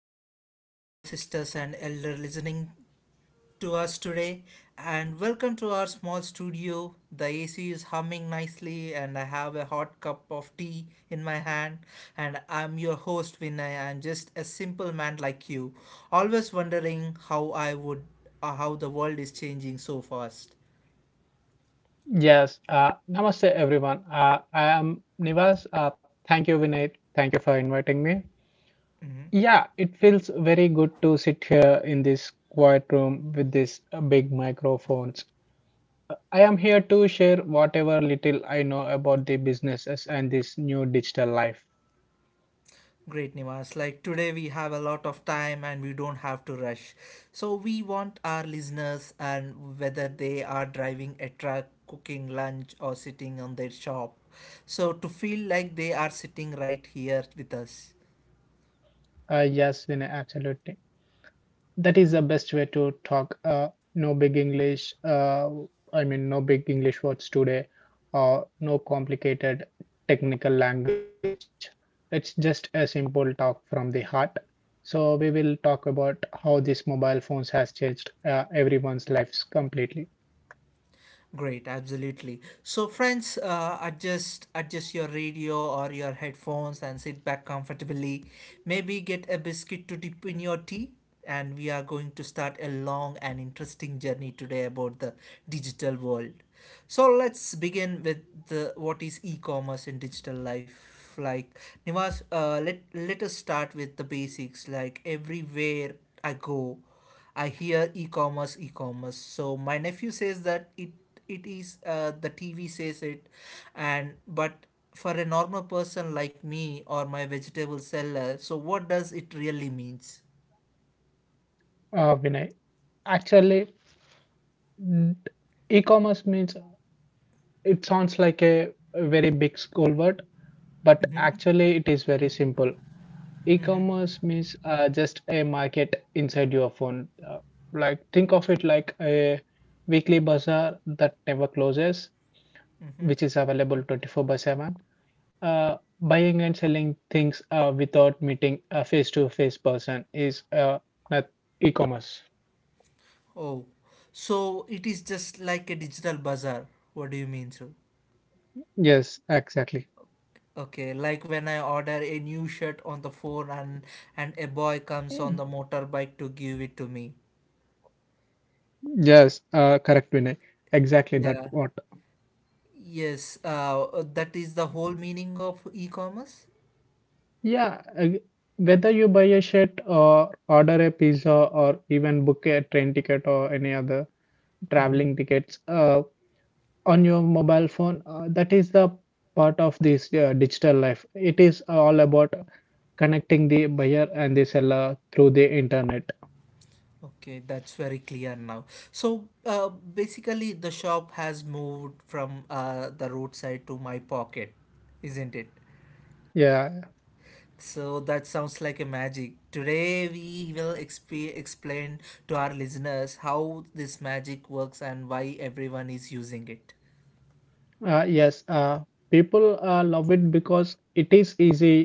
my dear brothers, sisters, and elder listening to us today, and welcome to our small studio. The AC is humming nicely, and I have a hot cup of tea in my hand. And I'm your host, Vinay. I'm just a simple man like you, always wondering how the world is changing so fast. Yes, namaste everyone. I am Nivas. Thank you, Vinay. Thank you for inviting me. Yeah, it feels very good to sit here in this quiet room with these big microphones. I am here to share whatever little I know about the businesses and this new digital life. Great, Nivas. Like today, we have a lot of time and we don't have to rush. So, we want our listeners, and whether they are driving a truck, cooking lunch, or sitting on their shop, so to feel like they are sitting right here with us. Yes, Vinay, absolutely. That is the best way to talk. No big English. No big English words today, or no complicated technical language. It's just a simple talk from the heart. So we will talk about how these mobile phones has changed everyone's lives completely. Great, absolutely. So, friends, adjust your radio or your headphones and sit back comfortably. Maybe get a biscuit to dip in your tea, and we are going to start a long and interesting journey today about the digital world. So, let's begin with the what is e-commerce in digital life like Nivas, let us start with the basics. Like everywhere I go. I hear e-commerce, e-commerce. So my nephew says that it is the TV says it, and but for a normal person like me or my vegetable seller, so what does it really means? Vinay, actually, mm, e-commerce means it sounds like a very big school word, but Hmm. actually it is very simple. Hmm. E-commerce means just a market inside your phone. Like think of it like a weekly bazaar that never closes, Hmm. which is available 24 by 7. Buying and selling things without meeting a face-to-face person is not e-commerce. Oh, so it is just like a digital bazaar. What do you mean, so? Yes, exactly. Okay, like when I order a new shirt on the phone and a boy comes on the motorbike to give it to me. Yes, correct, Vinay. Exactly that Yeah. what. Yes, that is the whole meaning of e-commerce. Yeah, whether you buy a shirt or order a pizza or even book a train ticket or any other traveling Mhm. tickets on your mobile phone. That is the part of this digital life. It is all about connecting the buyer and the seller through the internet. Okay, that's very clear now. So, basically, the shop has moved from the roadside to my pocket, isn't it? Yeah, So, that sounds like a magic. Today, we will explain to our listeners how this magic works and why everyone is using it. yes, people love it because it is easy,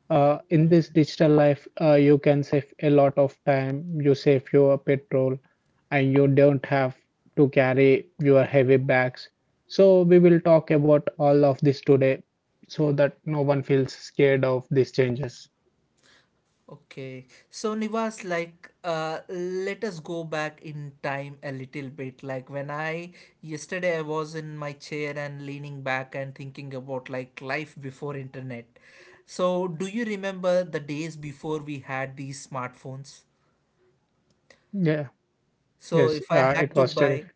in this digital life, you can save a lot of time, you save your petrol, and you don't have to carry your heavy bags. So we will talk about all of this today, so that no one feels scared of these changes. Okay, so Nivas, like, let us go back in time a little bit. Like when I Yesterday I was in my chair and leaning back and thinking about like life before internet. So, do you remember the days before we had these smartphones? Yeah, So, yes, if I had it to was buy, terrific.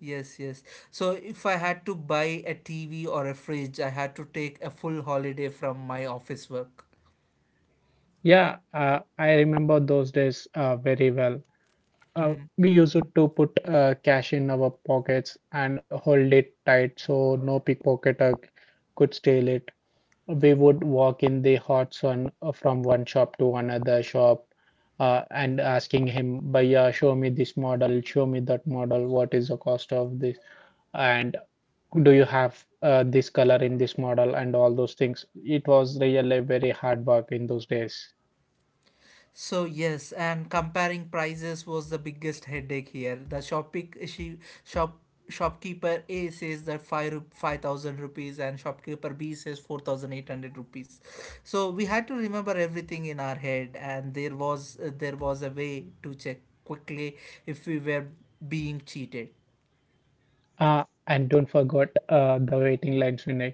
yes, yes. So if I had to buy a TV or a fridge, I had to take a full holiday from my office work. Yeah, I remember those days very well. uh, we used to put cash in our pockets and hold it tight so no pickpocketer could steal it. We would walk in the hot sun from one shop to another shop, and asking him, bhaiya, show me this model, show me that model, what is the cost of this, and do you have this color in this model and all those things. It was really very hard work in those days. So yes, and comparing prices was the biggest headache here. The shopping she shop shopkeeper A says that 5,000 rupees and shopkeeper B says 4,800 rupees. So we had to remember everything in our head, and there was a way to check quickly if we were being cheated. And don't forget the waiting lines, Vinay.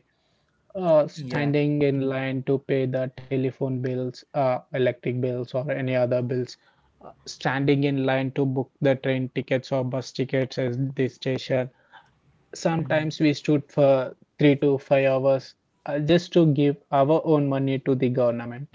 Yeah. Standing in line to pay the telephone bills, electric bills, or any other bills, standing in line to book the train tickets or bus tickets at the station. Sometimes we stood for 3 to 5 hours just to give our own money to the government.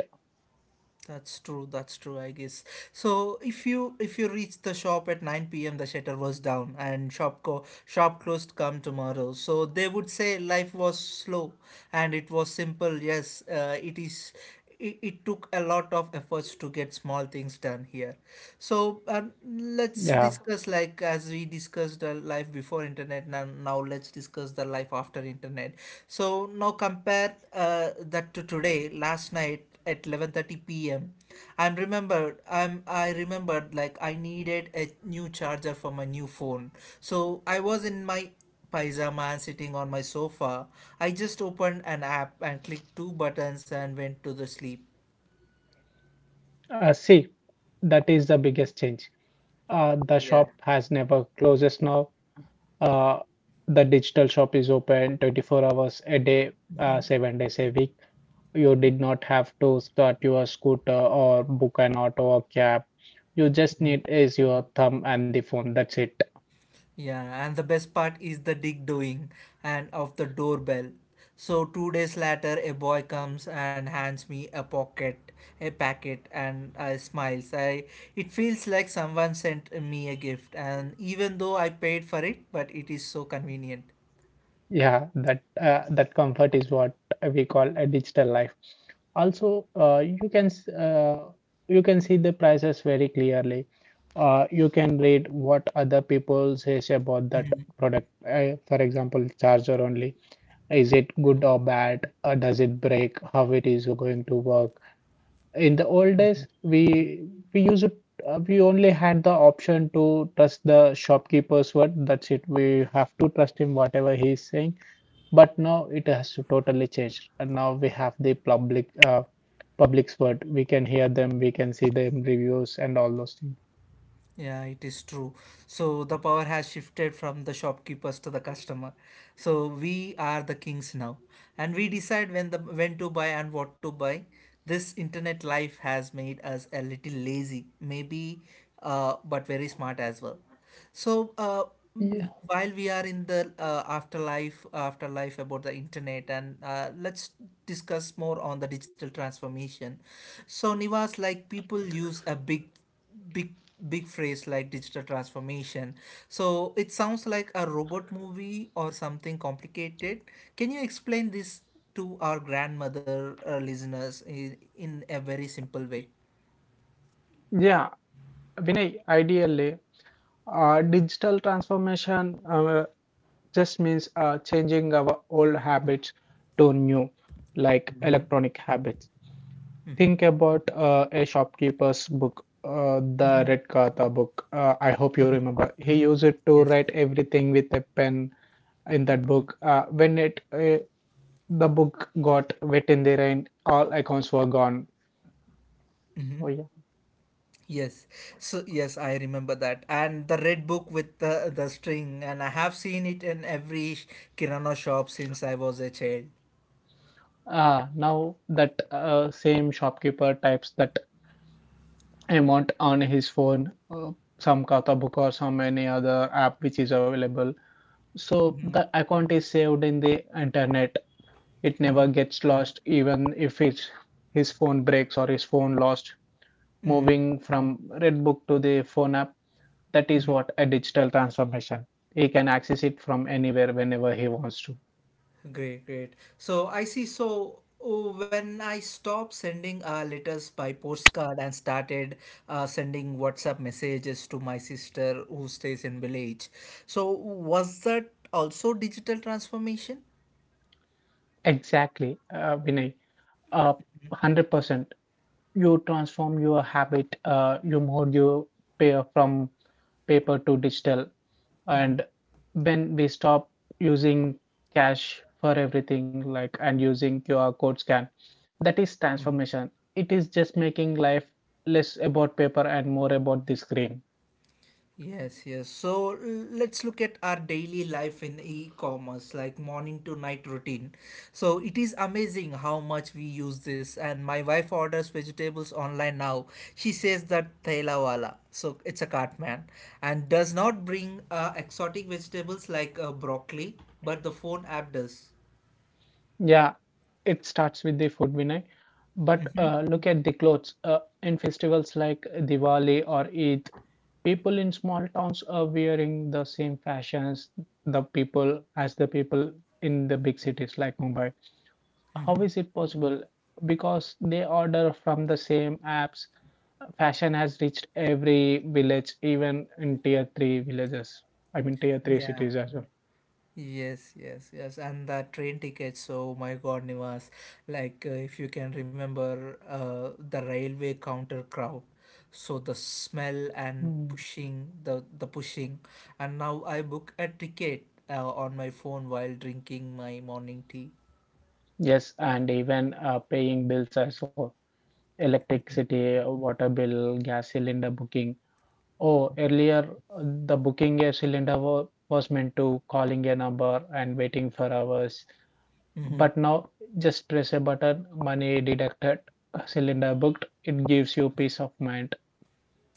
That's true. That's true. I guess. So if you reach the shop at nine p.m., the shutter was down and shop closed. Come tomorrow. So they would say life was slow, and it was simple. Yes, it is. It took a lot of efforts to get small things done here. So let's Yeah, discuss like as we discussed the life before internet. Now let's discuss the life after internet. So now compare that to today. Last night at 11:30 p.m. I remembered like I needed a new charger for my new phone. So I was in my paisama and sitting on my sofa. I just opened an app and clicked two buttons and went to the sleep. see, that is the biggest change. The Yeah. shop has never closes now. Uh, the digital shop is open 24 hours a day, 7 days a week. You did not have to start your scooter or book an auto or cab. You just need is your thumb and the phone. That's it. Yeah, and the best part is the dig doing and of the doorbell. So 2 days later, a boy comes and hands me a packet, and I smiles. I It feels like someone sent me a gift, and even though I paid for it, but it is so convenient. Yeah, that comfort is what we call a digital life. Also, you can see the prices very clearly. You can read what other people says about that product. For example, charger only. Is it good or bad? Does it break? How it is going to work? In the old days, we only had the option to trust the shopkeeper's word. That's it, we have to trust him whatever he's saying. But now it has to totally changed, and now we have the public public's word. We can hear them, we can see them reviews and all those things. Yeah, it is true. So the power has shifted from the shopkeepers to the customer. So we are the kings now, and we decide when to buy and what to buy. This internet life has made us a little lazy, maybe, but very smart as well. So Yeah, while we are in the afterlife about the internet, and let's discuss more on the digital transformation. So Nivas, like people use a big big phrase like digital transformation, so it sounds like a robot movie or something complicated. Can you explain this to our grandmother listeners in a very simple way? yeah, Vinay, ideally, digital transformation uh, just means changing our old habits to new, like Hmm. electronic habits. Hmm. Think about a shopkeeper's book, the Hmm. Red Katha book. I hope you remember. He used it to Yes. write everything with a pen in that book. When it the book got wet in the rain, all accounts were gone. Hmm. So yeah. Yes, so yes, I remember that, and the red book with the string, and I have seen it in every kirana shop since I was a child. Ah, now that same shopkeeper types that amount on his phone, some Katha book or some any other app which is available. So the account is saved in the internet. It never gets lost even if it's his phone breaks or his phone lost. Moving from Redbook to the phone app, that is what a digital transformation. He can access it from anywhere whenever he wants to. Great, great. So I see. So oh, when I stopped sending letters by postcard and started sending WhatsApp messages to my sister who stays in village, so was that also digital transformation? Exactly, Vinay. Uh, 100%. You transform your habit, you move your pair from paper to digital. And when we stop using cash for everything, like and using QR code scan, that is transformation. It is just making life less about paper and more about the screen. Yes, yes. So let's look at our daily life in e-commerce, like morning to night routine. So it is amazing how much we use this. And my wife orders vegetables online now. She says that thela wala, so it's a cart man, and does not bring exotic vegetables like broccoli, but the phone app does. Yeah, it starts with the food, Vinay. But look at the clothes. In festivals like Diwali or Eid, people in small towns are wearing the same fashions the people as the people in the big cities like Mumbai. How is it possible? Because they order from the same apps. Fashion has reached every village, even in tier three villages. I mean, tier three Yeah. cities as well. Yes, yes, yes, and the train tickets. Oh my God, Nivas! Like, if you can remember, the railway counter crowd. So the smell and Mm. pushing, the pushing, and now I book a ticket on my phone while drinking my morning tea. Yes, and even paying bills as well. Electricity, water bill, gas cylinder booking. Oh, earlier uh, the booking a cylinder was meant to calling a number and waiting for hours. But now just press a button, money deducted, cylinder booked. It gives you peace of mind.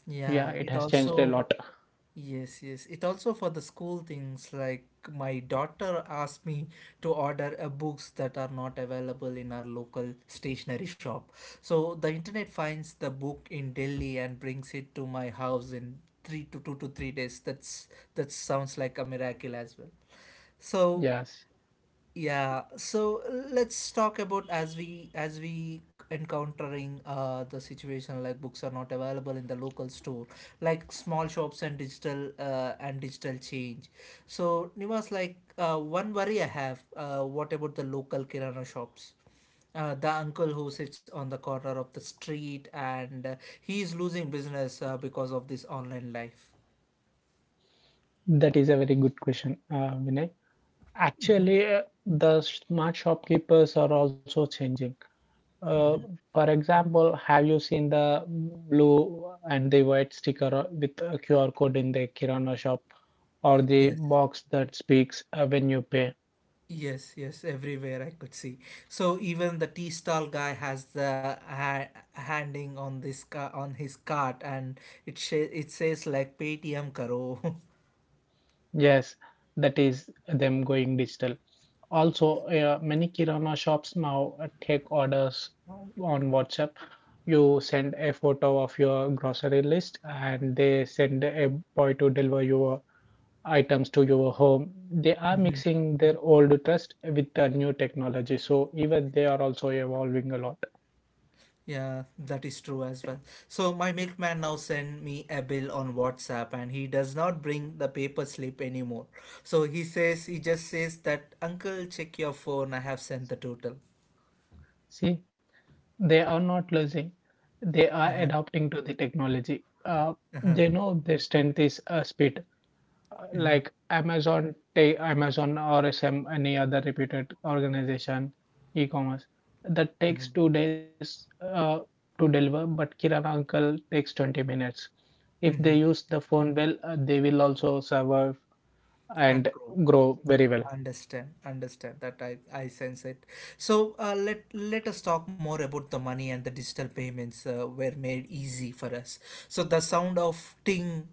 Yeah, Yeah, it it has changed a also. lot. Yes, yes. It also for the school things like my daughter asked me to order books that are not available in our local stationery shop. So the internet finds the book in Delhi and brings it to my house in three to two to three days. That sounds like a miracle as well. So Yes. yeah, so let's talk about as we encountering the situation like books are not available in the local store, like small shops and digital change. So Nivas, like one worry I have, what about the local kirana shops? The uncle who sits on the corner of the street and he is losing business because of this online life. That is a very good question, Vinay. Actually, the smart shopkeepers are also changing. Uh, for example, have you seen the blue and the white sticker with a QR code in the Kirana shop or the Yes. box that speaks when you pay? Yes, yes, everywhere I could see. So even the tea stall guy has handing on this car on his cart, and it says like Paytm karo. Yes, that is them going digital. Also, many Kirana shops now take orders on WhatsApp. You send a photo of your grocery list and they send a boy to deliver your items to your home. They are mixing their old trust with the new technology. So, even they are also evolving a lot. Yeah, that is true as well. So my milkman now send me a bill on WhatsApp, and he does not bring the paper slip anymore. So he just says that uncle check your phone. I have sent the total. See, they are not losing, they are Uh-huh. adapting to the technology. Uh-huh. They know their strength is speed. Mm-hmm. Like Amazon, take Amazon or some any other reputed organization, e-commerce that takes 2 days to deliver, but Kirana Uncle takes 20 minutes. If they use the phone well, they will also survive And and go. grow very well. Understand, understand that I sense it. So let us talk more about the money and the digital payments were made easy for us. So the sound of ting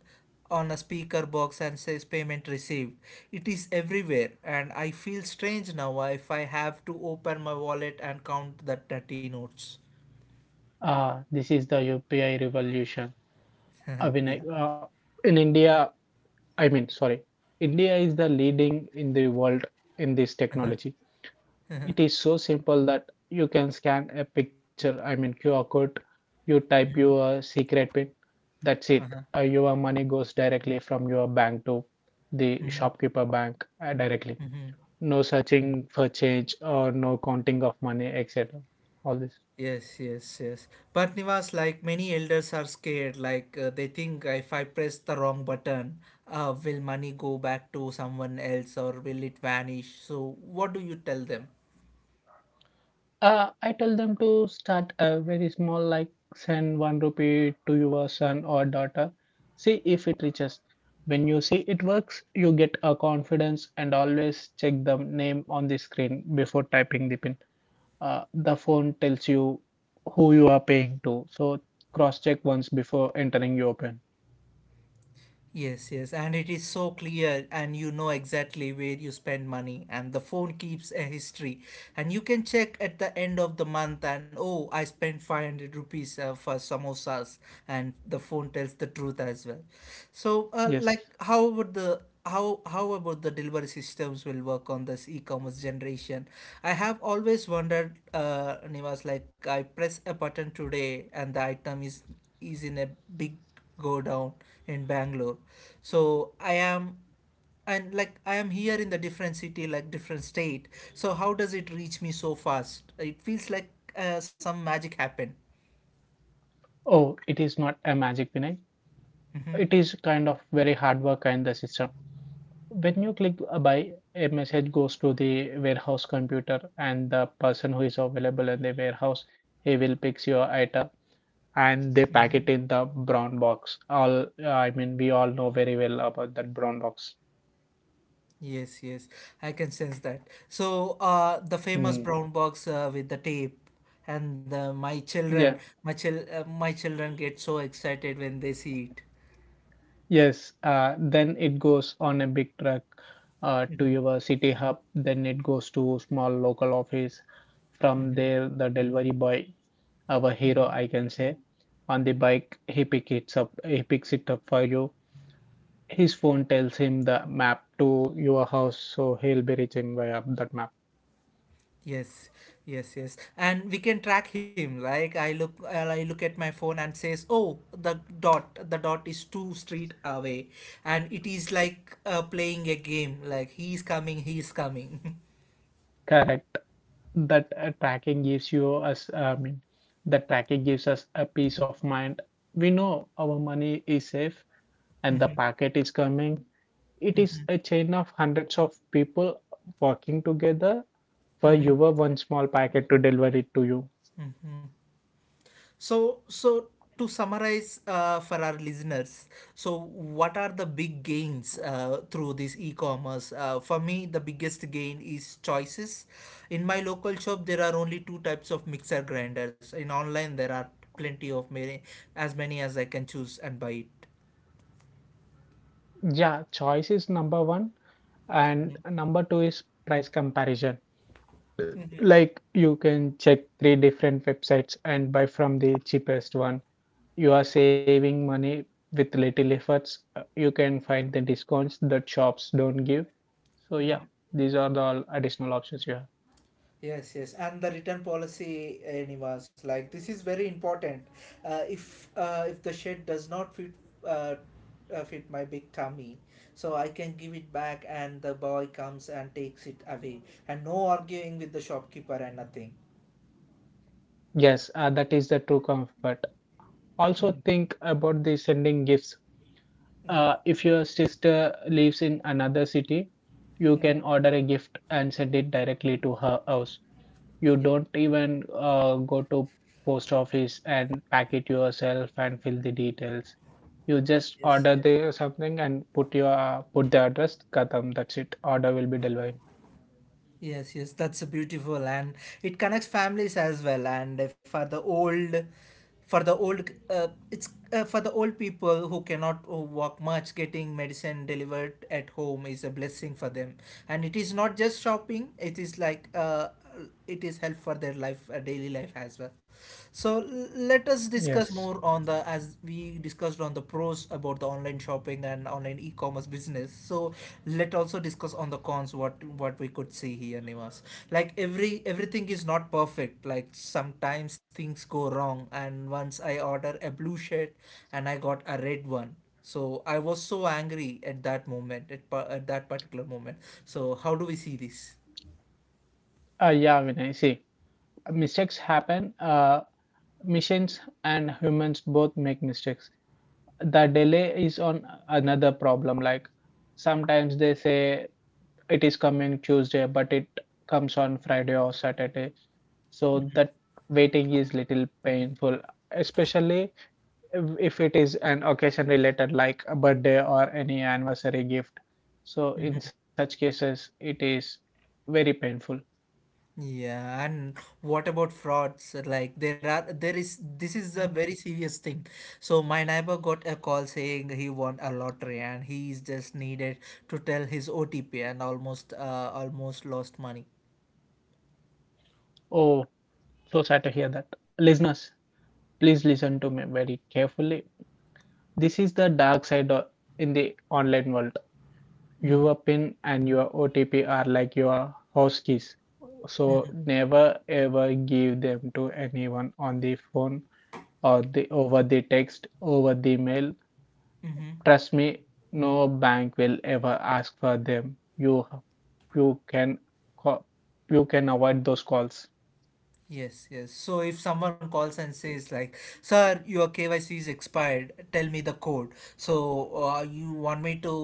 on a speaker box and says payment received. It is everywhere, and I feel strange now if I have to open my wallet and count the dirty notes. This is the UPI revolution. I mean, Yeah. uh, in India, I mean, sorry, India is the leading in the world in this technology. It is so simple that you can scan a picture, I mean QR code, you type your secret pin, that's it. Your money goes directly from your bank to the shopkeeper bank directly. No searching for change or no counting of money, etc. All this. Yes, yes, yes. But Nivas, like many elders are scared, like they think if I press the wrong button, will money go back to someone else or will it vanish? So, what do you tell them? I tell them to start a very small, like send one rupee to your son or daughter. See if it reaches. When you see it works, you get a confidence, and always check the name on the screen before typing the pin. The phone tells you who you are paying to, so cross check once before entering your pin. Yes, yes, and it is so clear, and you know exactly where you spend money, and the phone keeps a history, and you can check at the end of the month, and oh, I spent 500 rupees for samosas, and the phone tells the truth as well. So, like, Yes. How about the delivery systems will work on this e-commerce generation? I have always wondered Nivas, like I press a button today and the item is in a big go down in Bangalore. So I am and like I am here in the different city, like different state. So how does it reach me so fast? It feels like some magic happened. Oh, it is not a magic, Vinay. It is kind of very hard work and the system. When you click a buy, a message goes to the warehouse computer, and the person who is available in the warehouse, he will pick your item and they pack it in the brown box. All I mean we all know very well about that brown box. Yes, yes, I can sense that. So the famous Mm. brown box with the tape. And Yeah, my children get so excited when they see it. yes, then it goes on a big truck to your city hub, then it goes to small local office. From there, the delivery boy, our hero, I can say, on the bike, he picks it up for you. His phone tells him the map to your house, so he'll be reaching via that map. Yes, yes, yes. And we can track him. Like I look at my phone and says, "Oh, the dot is two street away," and it is like playing a game. Like he's coming. Correct. That tracking gives you us. I mean, that tracking gives us a peace of mind. We know our money is safe and the packet is coming. It is a chain of hundreds of people working together for your one small packet to deliver it to you. So, so to summarize for our listeners, so what are the big gains through this e-commerce? For me, the biggest gain is choices. In my local shop, there are only two types of mixer grinders. In online, there are plenty of many as I can choose and buy Yeah, choice is number one. And number two is price comparison. Like you can check three different websites and buy from the cheapest one. You are saving money with little efforts. You can find the discounts that shops don't give. So yeah, it. these are the all additional options you have. Yes, yes, and the return policy, Nivas, like this is very important. If the shed does not fit uh, fit my big tummy, so I can give it back, and the boy comes and takes it away, and no arguing with the shopkeeper and nothing. Yes, that is the true comfort. Also think about the sending gifts. Uh, Mm-hmm. if your sister lives in another city, you can order a gift and send it directly to her house. You don't even go to post office and pack it yourself and fill the details. You just Yes, order yes, the something and put your put the address. Katham, that's it. Order will be delivered. Yes, yes, that's a beautiful, and it connects families as well. And for the old, for the old, it's for the old people who cannot walk much. Getting medicine delivered at home is a blessing for them, and it is not just shopping. It is like it is help for their life daily life as well. So let us discuss Yes. more on the, as we discussed on the pros about the online shopping and online e-commerce business. So let also discuss on the cons, what we could see here, Nivas. Like everything is not perfect. Like sometimes things go wrong, and once I order a blue shirt and I got a red one, so I was so angry at that moment, at that particular moment. So how do we see this? Yeah, Vinay. See, mistakes happen. Machines and humans both make mistakes. The delay is on another problem. Like sometimes they say it is coming Tuesday, but it comes on Friday or Saturday. So that waiting is little painful, especially if it is an occasion related, like a birthday or any anniversary gift. So in such cases it is very painful. Yeah, and what about frauds? Like there are there is this is a very serious thing. So my neighbor got a call saying he won a lottery, and he is just needed to tell his OTP and almost lost money. Oh, so sad to hear that. Listeners, please listen to me very carefully. This is the dark side in the online world. Your pin and your otp are like your house keys. So never, ever give them to anyone on the phone or the over the text, over the mail. Mm-hmm. Trust me, no bank will ever ask for them. You can avoid those calls. Yes, yes. So if someone calls and says like, "Sir, your KYC is expired. Tell me the code." So you want me to,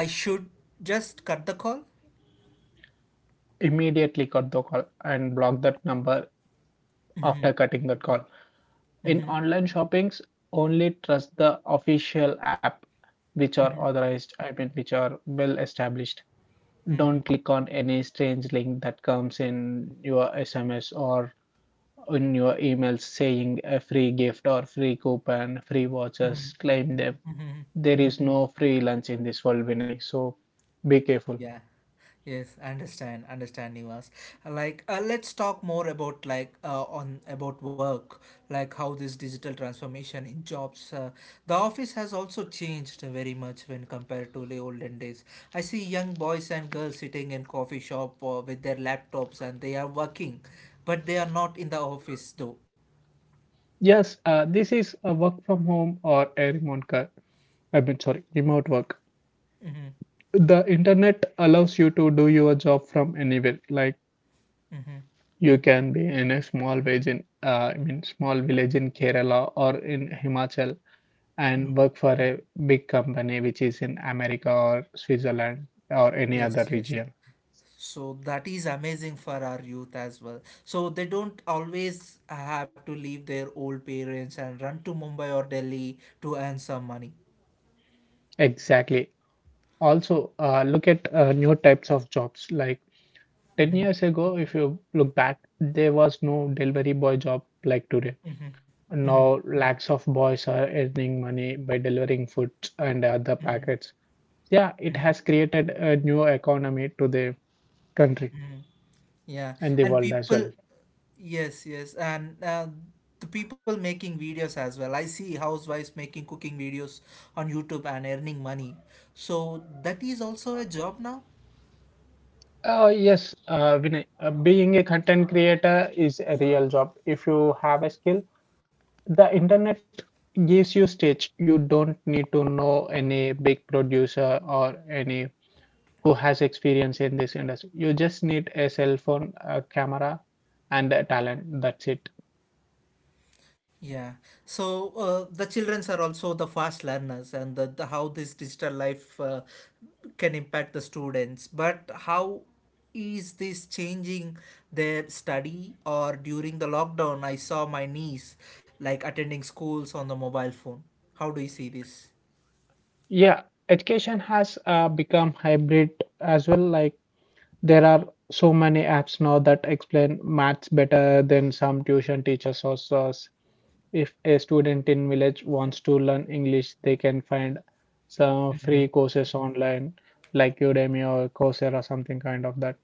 I should just cut the call? Immediately cut the call and block that number after cutting that call. In Mm-hmm. online shoppings, only trust the official app which are authorized, I mean which are well established. Don't click on any strange link that comes in your SMS or in your emails saying a free gift or free coupon, free vouchers, claim them. There is no free lunch in this world, Vinay. So be careful. Yeah. Yes, I understand, Nivas. Let's talk more about on about work, like how this digital transformation in jobs. The office has also changed very much when compared to the olden days. I see young boys and girls sitting in coffee shop with their laptops, and they are working, but they are not in the office though. Yes, this is a work from home or a remote car. I mean, sorry, remote work. The internet allows you to do your job from anywhere. Like you can be in a small village in, small village in Kerala or in Himachal, and work for a big company which is in America or Switzerland or any Yes, other yes. region. So that is amazing for our youth as well. So they don't always have to leave their old parents and run to Mumbai or Delhi to earn some money. Exactly. Also, look at new types of jobs. Like 10 years ago, if you look back, there was no delivery boy job like today. Now, lakhs of boys are earning money by delivering food and other packets. Yeah, it has created a new economy to the country Yeah, and the and world as well. people, yes, yes, and the people making videos as well. I see housewives making cooking videos on YouTube and earning money. So that is also a job now. Yes, Vinay, being a content creator is a real job. If you have a skill, the internet gives you stage. You don't need to know any big producer or any who has experience in this industry. You just need a cell phone, a camera, and a talent. That's it. Yeah. So the childrens are also the fast learners, and the how this digital life can impact the students. But how is this changing their study? Or during the lockdown, I saw my niece like attending schools on the mobile phone. How do you see this? Yeah, education has become hybrid as well. Like there are so many apps now that explain maths better than some tuition teachers or so. If a student in village wants to learn English, they can find some free courses online like Udemy or Coursera, something kind of that.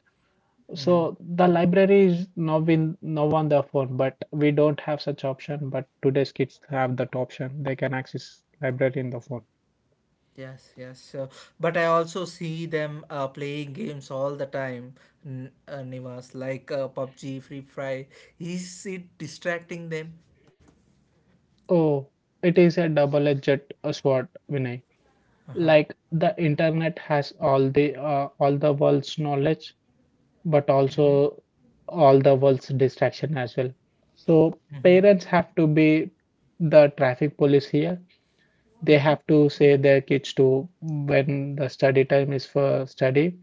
So the library is now in now on the phone, but we don't have such option. But today's kids have that option. They can access library in the phone. Yes, yes. So, but I also see them playing games all the time, Nivas, like PUBG, Free Fire. Is it distracting them? Oh, it is a double-edged sword, Vinay. Uh-huh. Like the internet has all the all the world's knowledge, but also all the world's distraction as well. So Mhm. parents have to be the traffic police here. They have to say their kids to when the study time is for study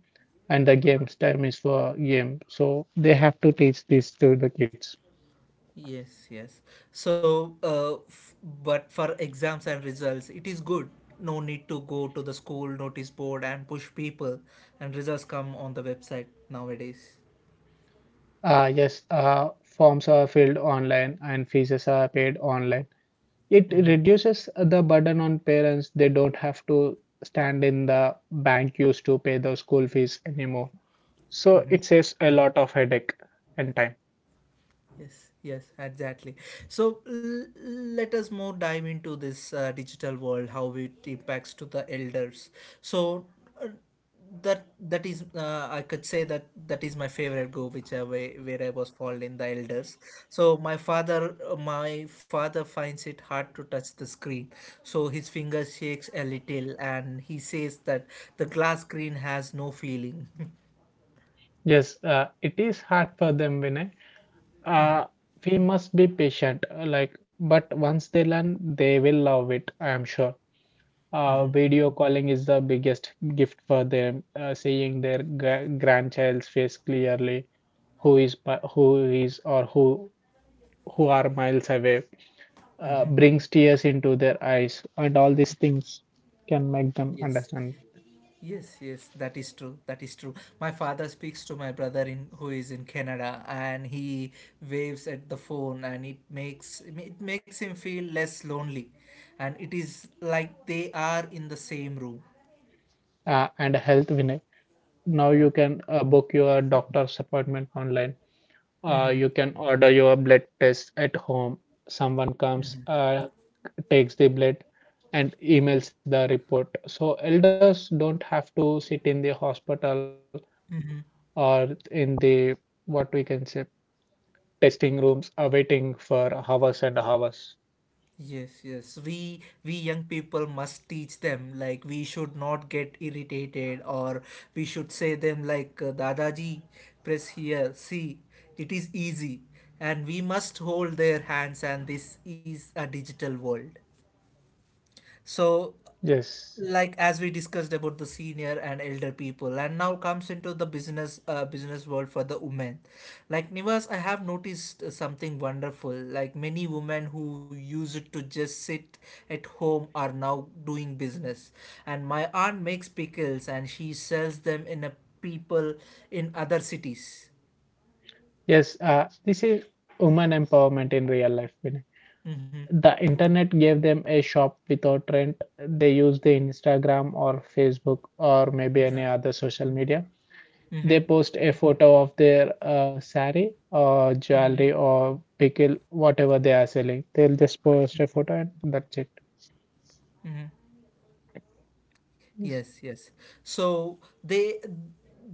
and the games time is for game. So they have to teach this to the kids. Yes, yes. So, f but for exams and results, it is good. No need to go to the school notice board and push people, and results come on the website nowadays. Yes, forms are filled online and fees are paid online. It reduces the burden on parents. They don't have to stand in the bank queues to pay the school fees anymore. So it saves a lot of headache and time. Yes, yes, exactly. So let us more dive into this digital world, how it impacts to the elders. So uh, that is I could say that that is my favorite go, which where I was called in the elders. So my father finds it hard to touch the screen. So his finger shakes a little, and he says that the glass screen has no feeling. Yes, it is hard for them, Vinay. Uh, we must be patient. But once they learn, they will love it. I am sure. hmm Video calling is the biggest gift for them. Seeing their grandchild's face clearly, who is mi- who is or who are miles away, hmm brings tears into their eyes, and all these things can make them Yes. understand. Yes, yes, that is true. That is true. My father speaks to my brother in who is in Canada, and he waves at the phone, and it makes him feel less lonely, and it is like they are in the same room. And health winner. Now you Yeah. can book your doctor's appointment online. Mm-hmm. You can order your blood test at home. Someone comes, takes the blood, and emails the report. So elders don't have to sit in the hospital or in the what we can say testing rooms, waiting for hours and hours. Yes, yes. We young people must teach them, like we should not get irritated, or we should say them like Dadaji, press here, see, it is easy, and we must hold their hands. And this is a digital world. So Yes. like as we discussed about the senior and elder people, and now comes into the business world for the women. Like Nivas, I have noticed something wonderful. Like many women who used to just sit at home are now doing business, and my aunt makes pickles, and she sells them in a people in other cities. Yes, this is woman empowerment in real life, Vinay. The internet gave them a shop without rent. They use the Instagram or Facebook or maybe any other social media. They post a photo of their sari or jewelry or pickle, whatever they are selling. They'll just post a photo and that's it. Yes. Yes, yes. So they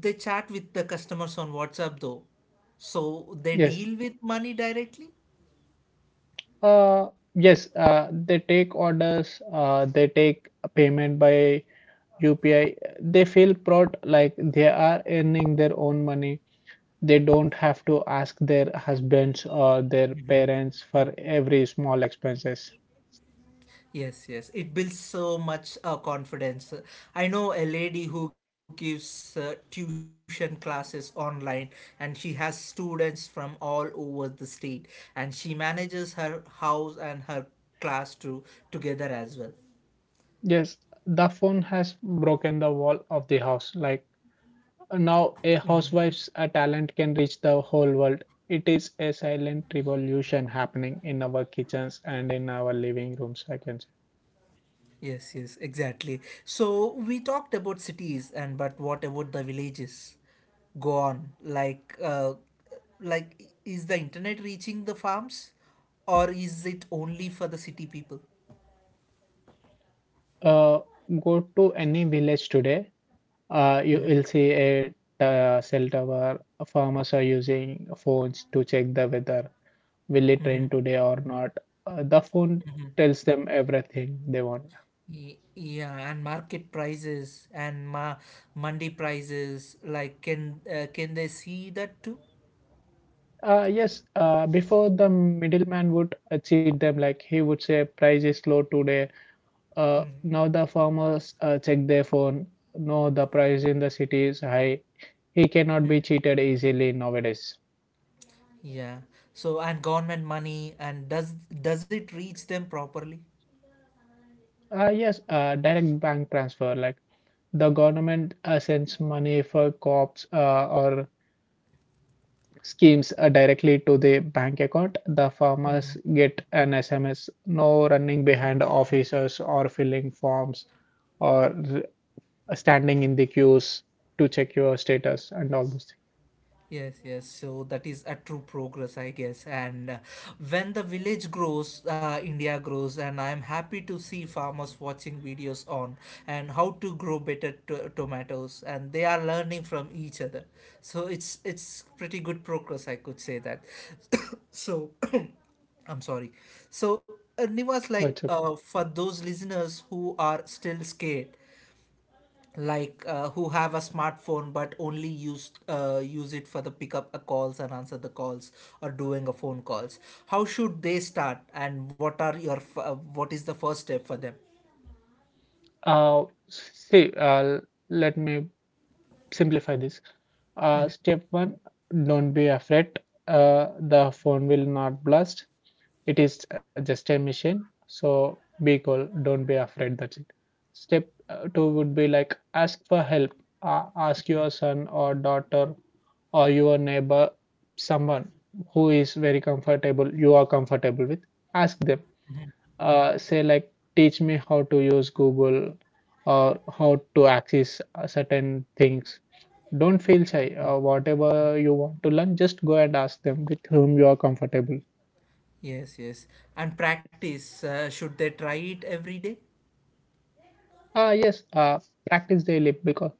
they chat with the customers on WhatsApp though, so they Yes. deal with money directly. Uh, yes. They take orders. They take payment by UPI, they feel proud like they are earning their own money. They don't have to ask their husbands or their parents for every small expenses. Yes, yes. It builds so much confidence. I know a lady who gives tuition classes online, and she has students from all over the state, and she manages her house and her class too, together as well. Yes, the phone has broken the wall of the house. Like now, a housewife's talent can reach the whole world. It is a silent revolution happening in our kitchens and in our living rooms, I can say. Yes, yes, exactly. So we talked about cities, and but what about the villages? Go on. Like is the internet reaching the farms, or is it only for the city people? Uh, Go to any village today. You will see a cell tower. Farmers are using phones to check the weather. Will it rain today or not? The phone tells them everything they want. Yeah, and market prices and mandi prices, like can they see that too? Yes, before the middleman would cheat them, like he would say, price is low today. Now the farmers check their phone. No, the price in the city is high. He cannot be cheated easily nowadays. Yeah. So and government money, and does it reach them properly? Yes, direct bank transfer. Like the government sends money for crops or schemes directly to the bank account. The farmers get an SMS, no running behind officers or filling forms or standing in the queues to check your status and all those things. Yes, yes. So that is a true progress, I guess. And when the village grows, India grows, and I am happy to see farmers watching videos on and how to grow better tomatoes, and they are learning from each other. So it's pretty good progress, I could say that. So. I'm sorry. So, Oh, it's Nivas, okay. like for those listeners who are still scared, like who have a smartphone but only use it for the pickup calls and answer the calls, or doing a phone calls, how should they start, and what are what is the first step for them? Uh, see, uh, Let me simplify this. Step one, don't be afraid. The phone will not blast. It is just a machine. So be cool, don't be afraid, that's it. Step two would be like, ask for help. Ask your son or daughter or your neighbor, someone who is very comfortable you are comfortable with. Ask them, say like, teach me how to use Google or how to access certain things. Don't feel shy. Whatever you want to learn, just go and ask them with whom you are comfortable. Yes, yes. And practice, should they try it every day? Yes, practice daily, because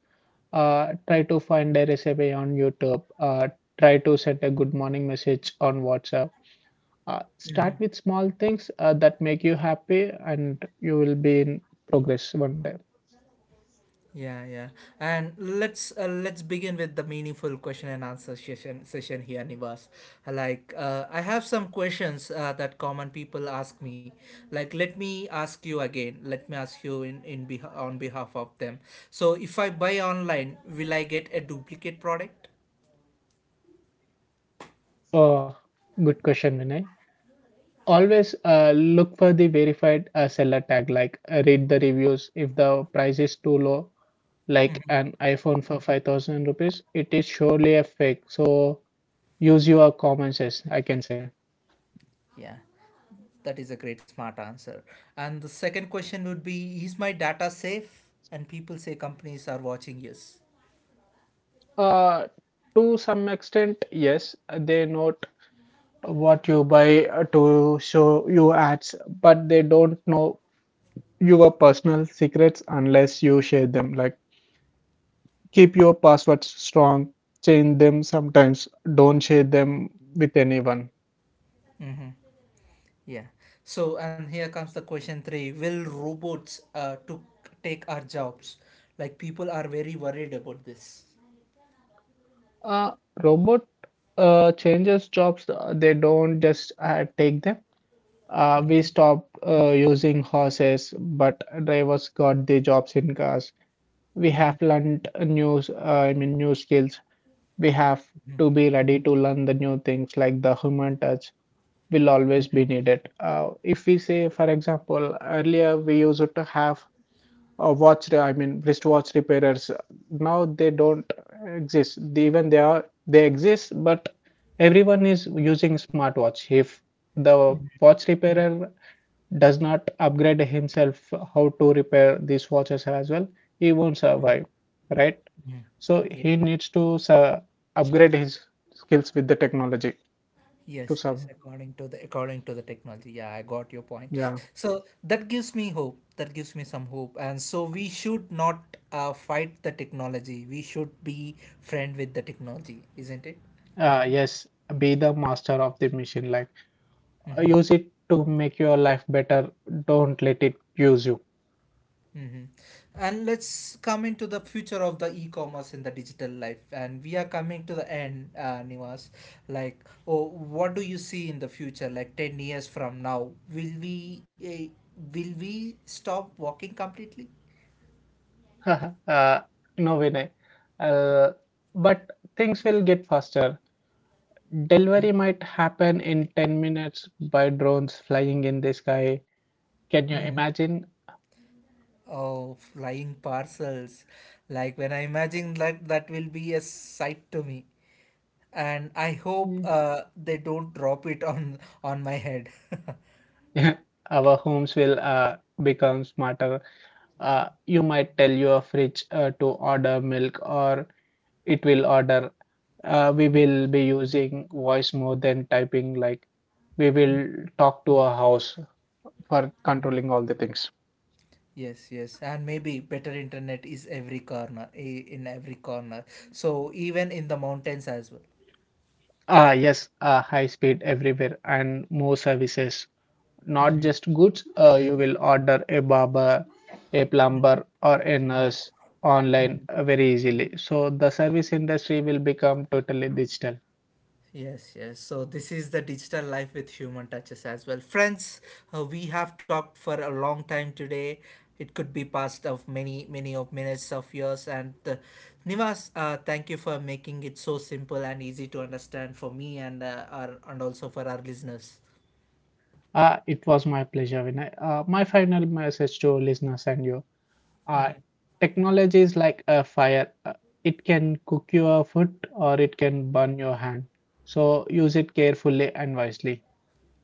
try to find a recipe on YouTube. Try to set a good morning message on WhatsApp. Start with small things that make you happy, and you will be in progress one day. Yeah, yeah. And let's begin with the meaningful question and answer session here, Nivas. Like I have some questions that common people ask me. Like let me ask you again. Let me ask you on behalf of them. So if I buy online, will I get a duplicate product? Oh, good question, Vinay. Always look for the verified seller tag, like read the reviews. If the price is too low, like an iPhone for 5,000 rupees, it is surely a fake. So use your common sense, I can say. Yeah, that is a great smart answer. And the second question would be: Is my data safe? And people say companies are watching. Yes. Uh, to some extent, yes, they note what you buy to show you ads, but they don't know your personal secrets unless you share them. Like, keep your passwords strong, change them sometimes, don't share them with anyone. Mm-hmm. Yeah. So, and here comes the question three. Will robots to take our jobs? Like people are very worried about this. Uh, Robot changes jobs, they don't just take them. We stopped using horses, but drivers got the jobs in cars. We have learned new new skills. We have to be ready to learn the new things, like the human touch will always be needed. If we say, for example, earlier we used to have a watch re- I mean wristwatch repairers. Now they don't exist. Even they are, they exist, but everyone is using smartwatch. If the watch repairer does not upgrade himself how to repair these watches as well, he won't survive, right? so Yeah. he needs to su- Upgrade his skills with the technology to Yes, serve. yes, according to the technology. Yeah, I got your point. Yeah. So that gives me hope. That gives me some hope. And so we should not fight the technology. We should be friend with the technology, isn't it? Yes, be the master of the machine. Like use it to make your life better. Don't let it use you. Mm-hmm. And let's come into the future of the e-commerce in the digital life. And we are coming to the end, Nivas. Like, oh, what do you see in the future? Like 10 years from now, will we stop walking completely? uh, no, Vinay. Uh, but things will get faster. Delivery might happen in 10 minutes by drones flying in the sky. Can you Mm. imagine? Oh, flying parcels. Like when I imagine that, that will be a sight to me. And I hope Mm. They don't drop it on my head. Our homes will become smarter. You might tell your fridge to order milk, or it will order. We will be using voice more than typing, like we will talk to a house for controlling all the things. Yes, yes, and maybe better internet is every corner, in every corner. So even in the mountains as well. Ah, yes, high speed everywhere and more services, not just goods. You will order a barber, a plumber, or a nurse online, very easily. So the service industry will become totally digital. Yes, yes. So this is the digital life with human touches as well. Friends, we have talked for a long time today. It could be past of many, many of minutes of years. And Nivas, thank you for making it so simple and easy to understand for me and also for our listeners. It was my pleasure, Vinay. My final message to listeners and you. Uh, Technology is like a fire. It can cook your food or it can burn your hand. So use it carefully and wisely.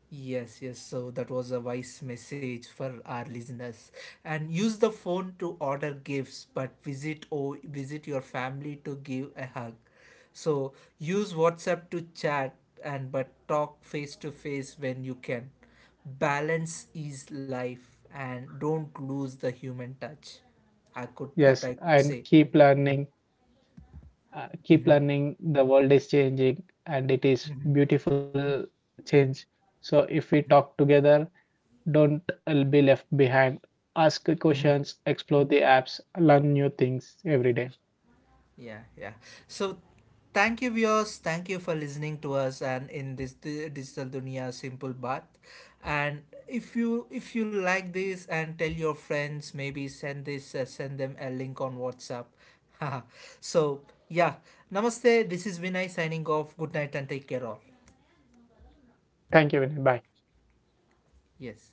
Yes, yes. So that was a wise message for our listeners. And use the phone to order gifts, but visit your family to give a hug. So use WhatsApp to chat, and but talk face to face when you can. Balance is life, and don't lose the human touch. I Yes, could and say. keep learning. Keep learning. The world is changing and it is beautiful change. So if we talk together, don't be left behind. Ask questions, explore the apps, learn new things every day. Yeah, yeah. So, thank you, viewers. Thank you for listening to us, and in this digital dunia simple bath. And if you like this, and tell your friends, maybe send them a link on WhatsApp. So yeah, namaste. This is Vinay signing off. Good night and take care all. Thank you, Vinay. Bye. Yes.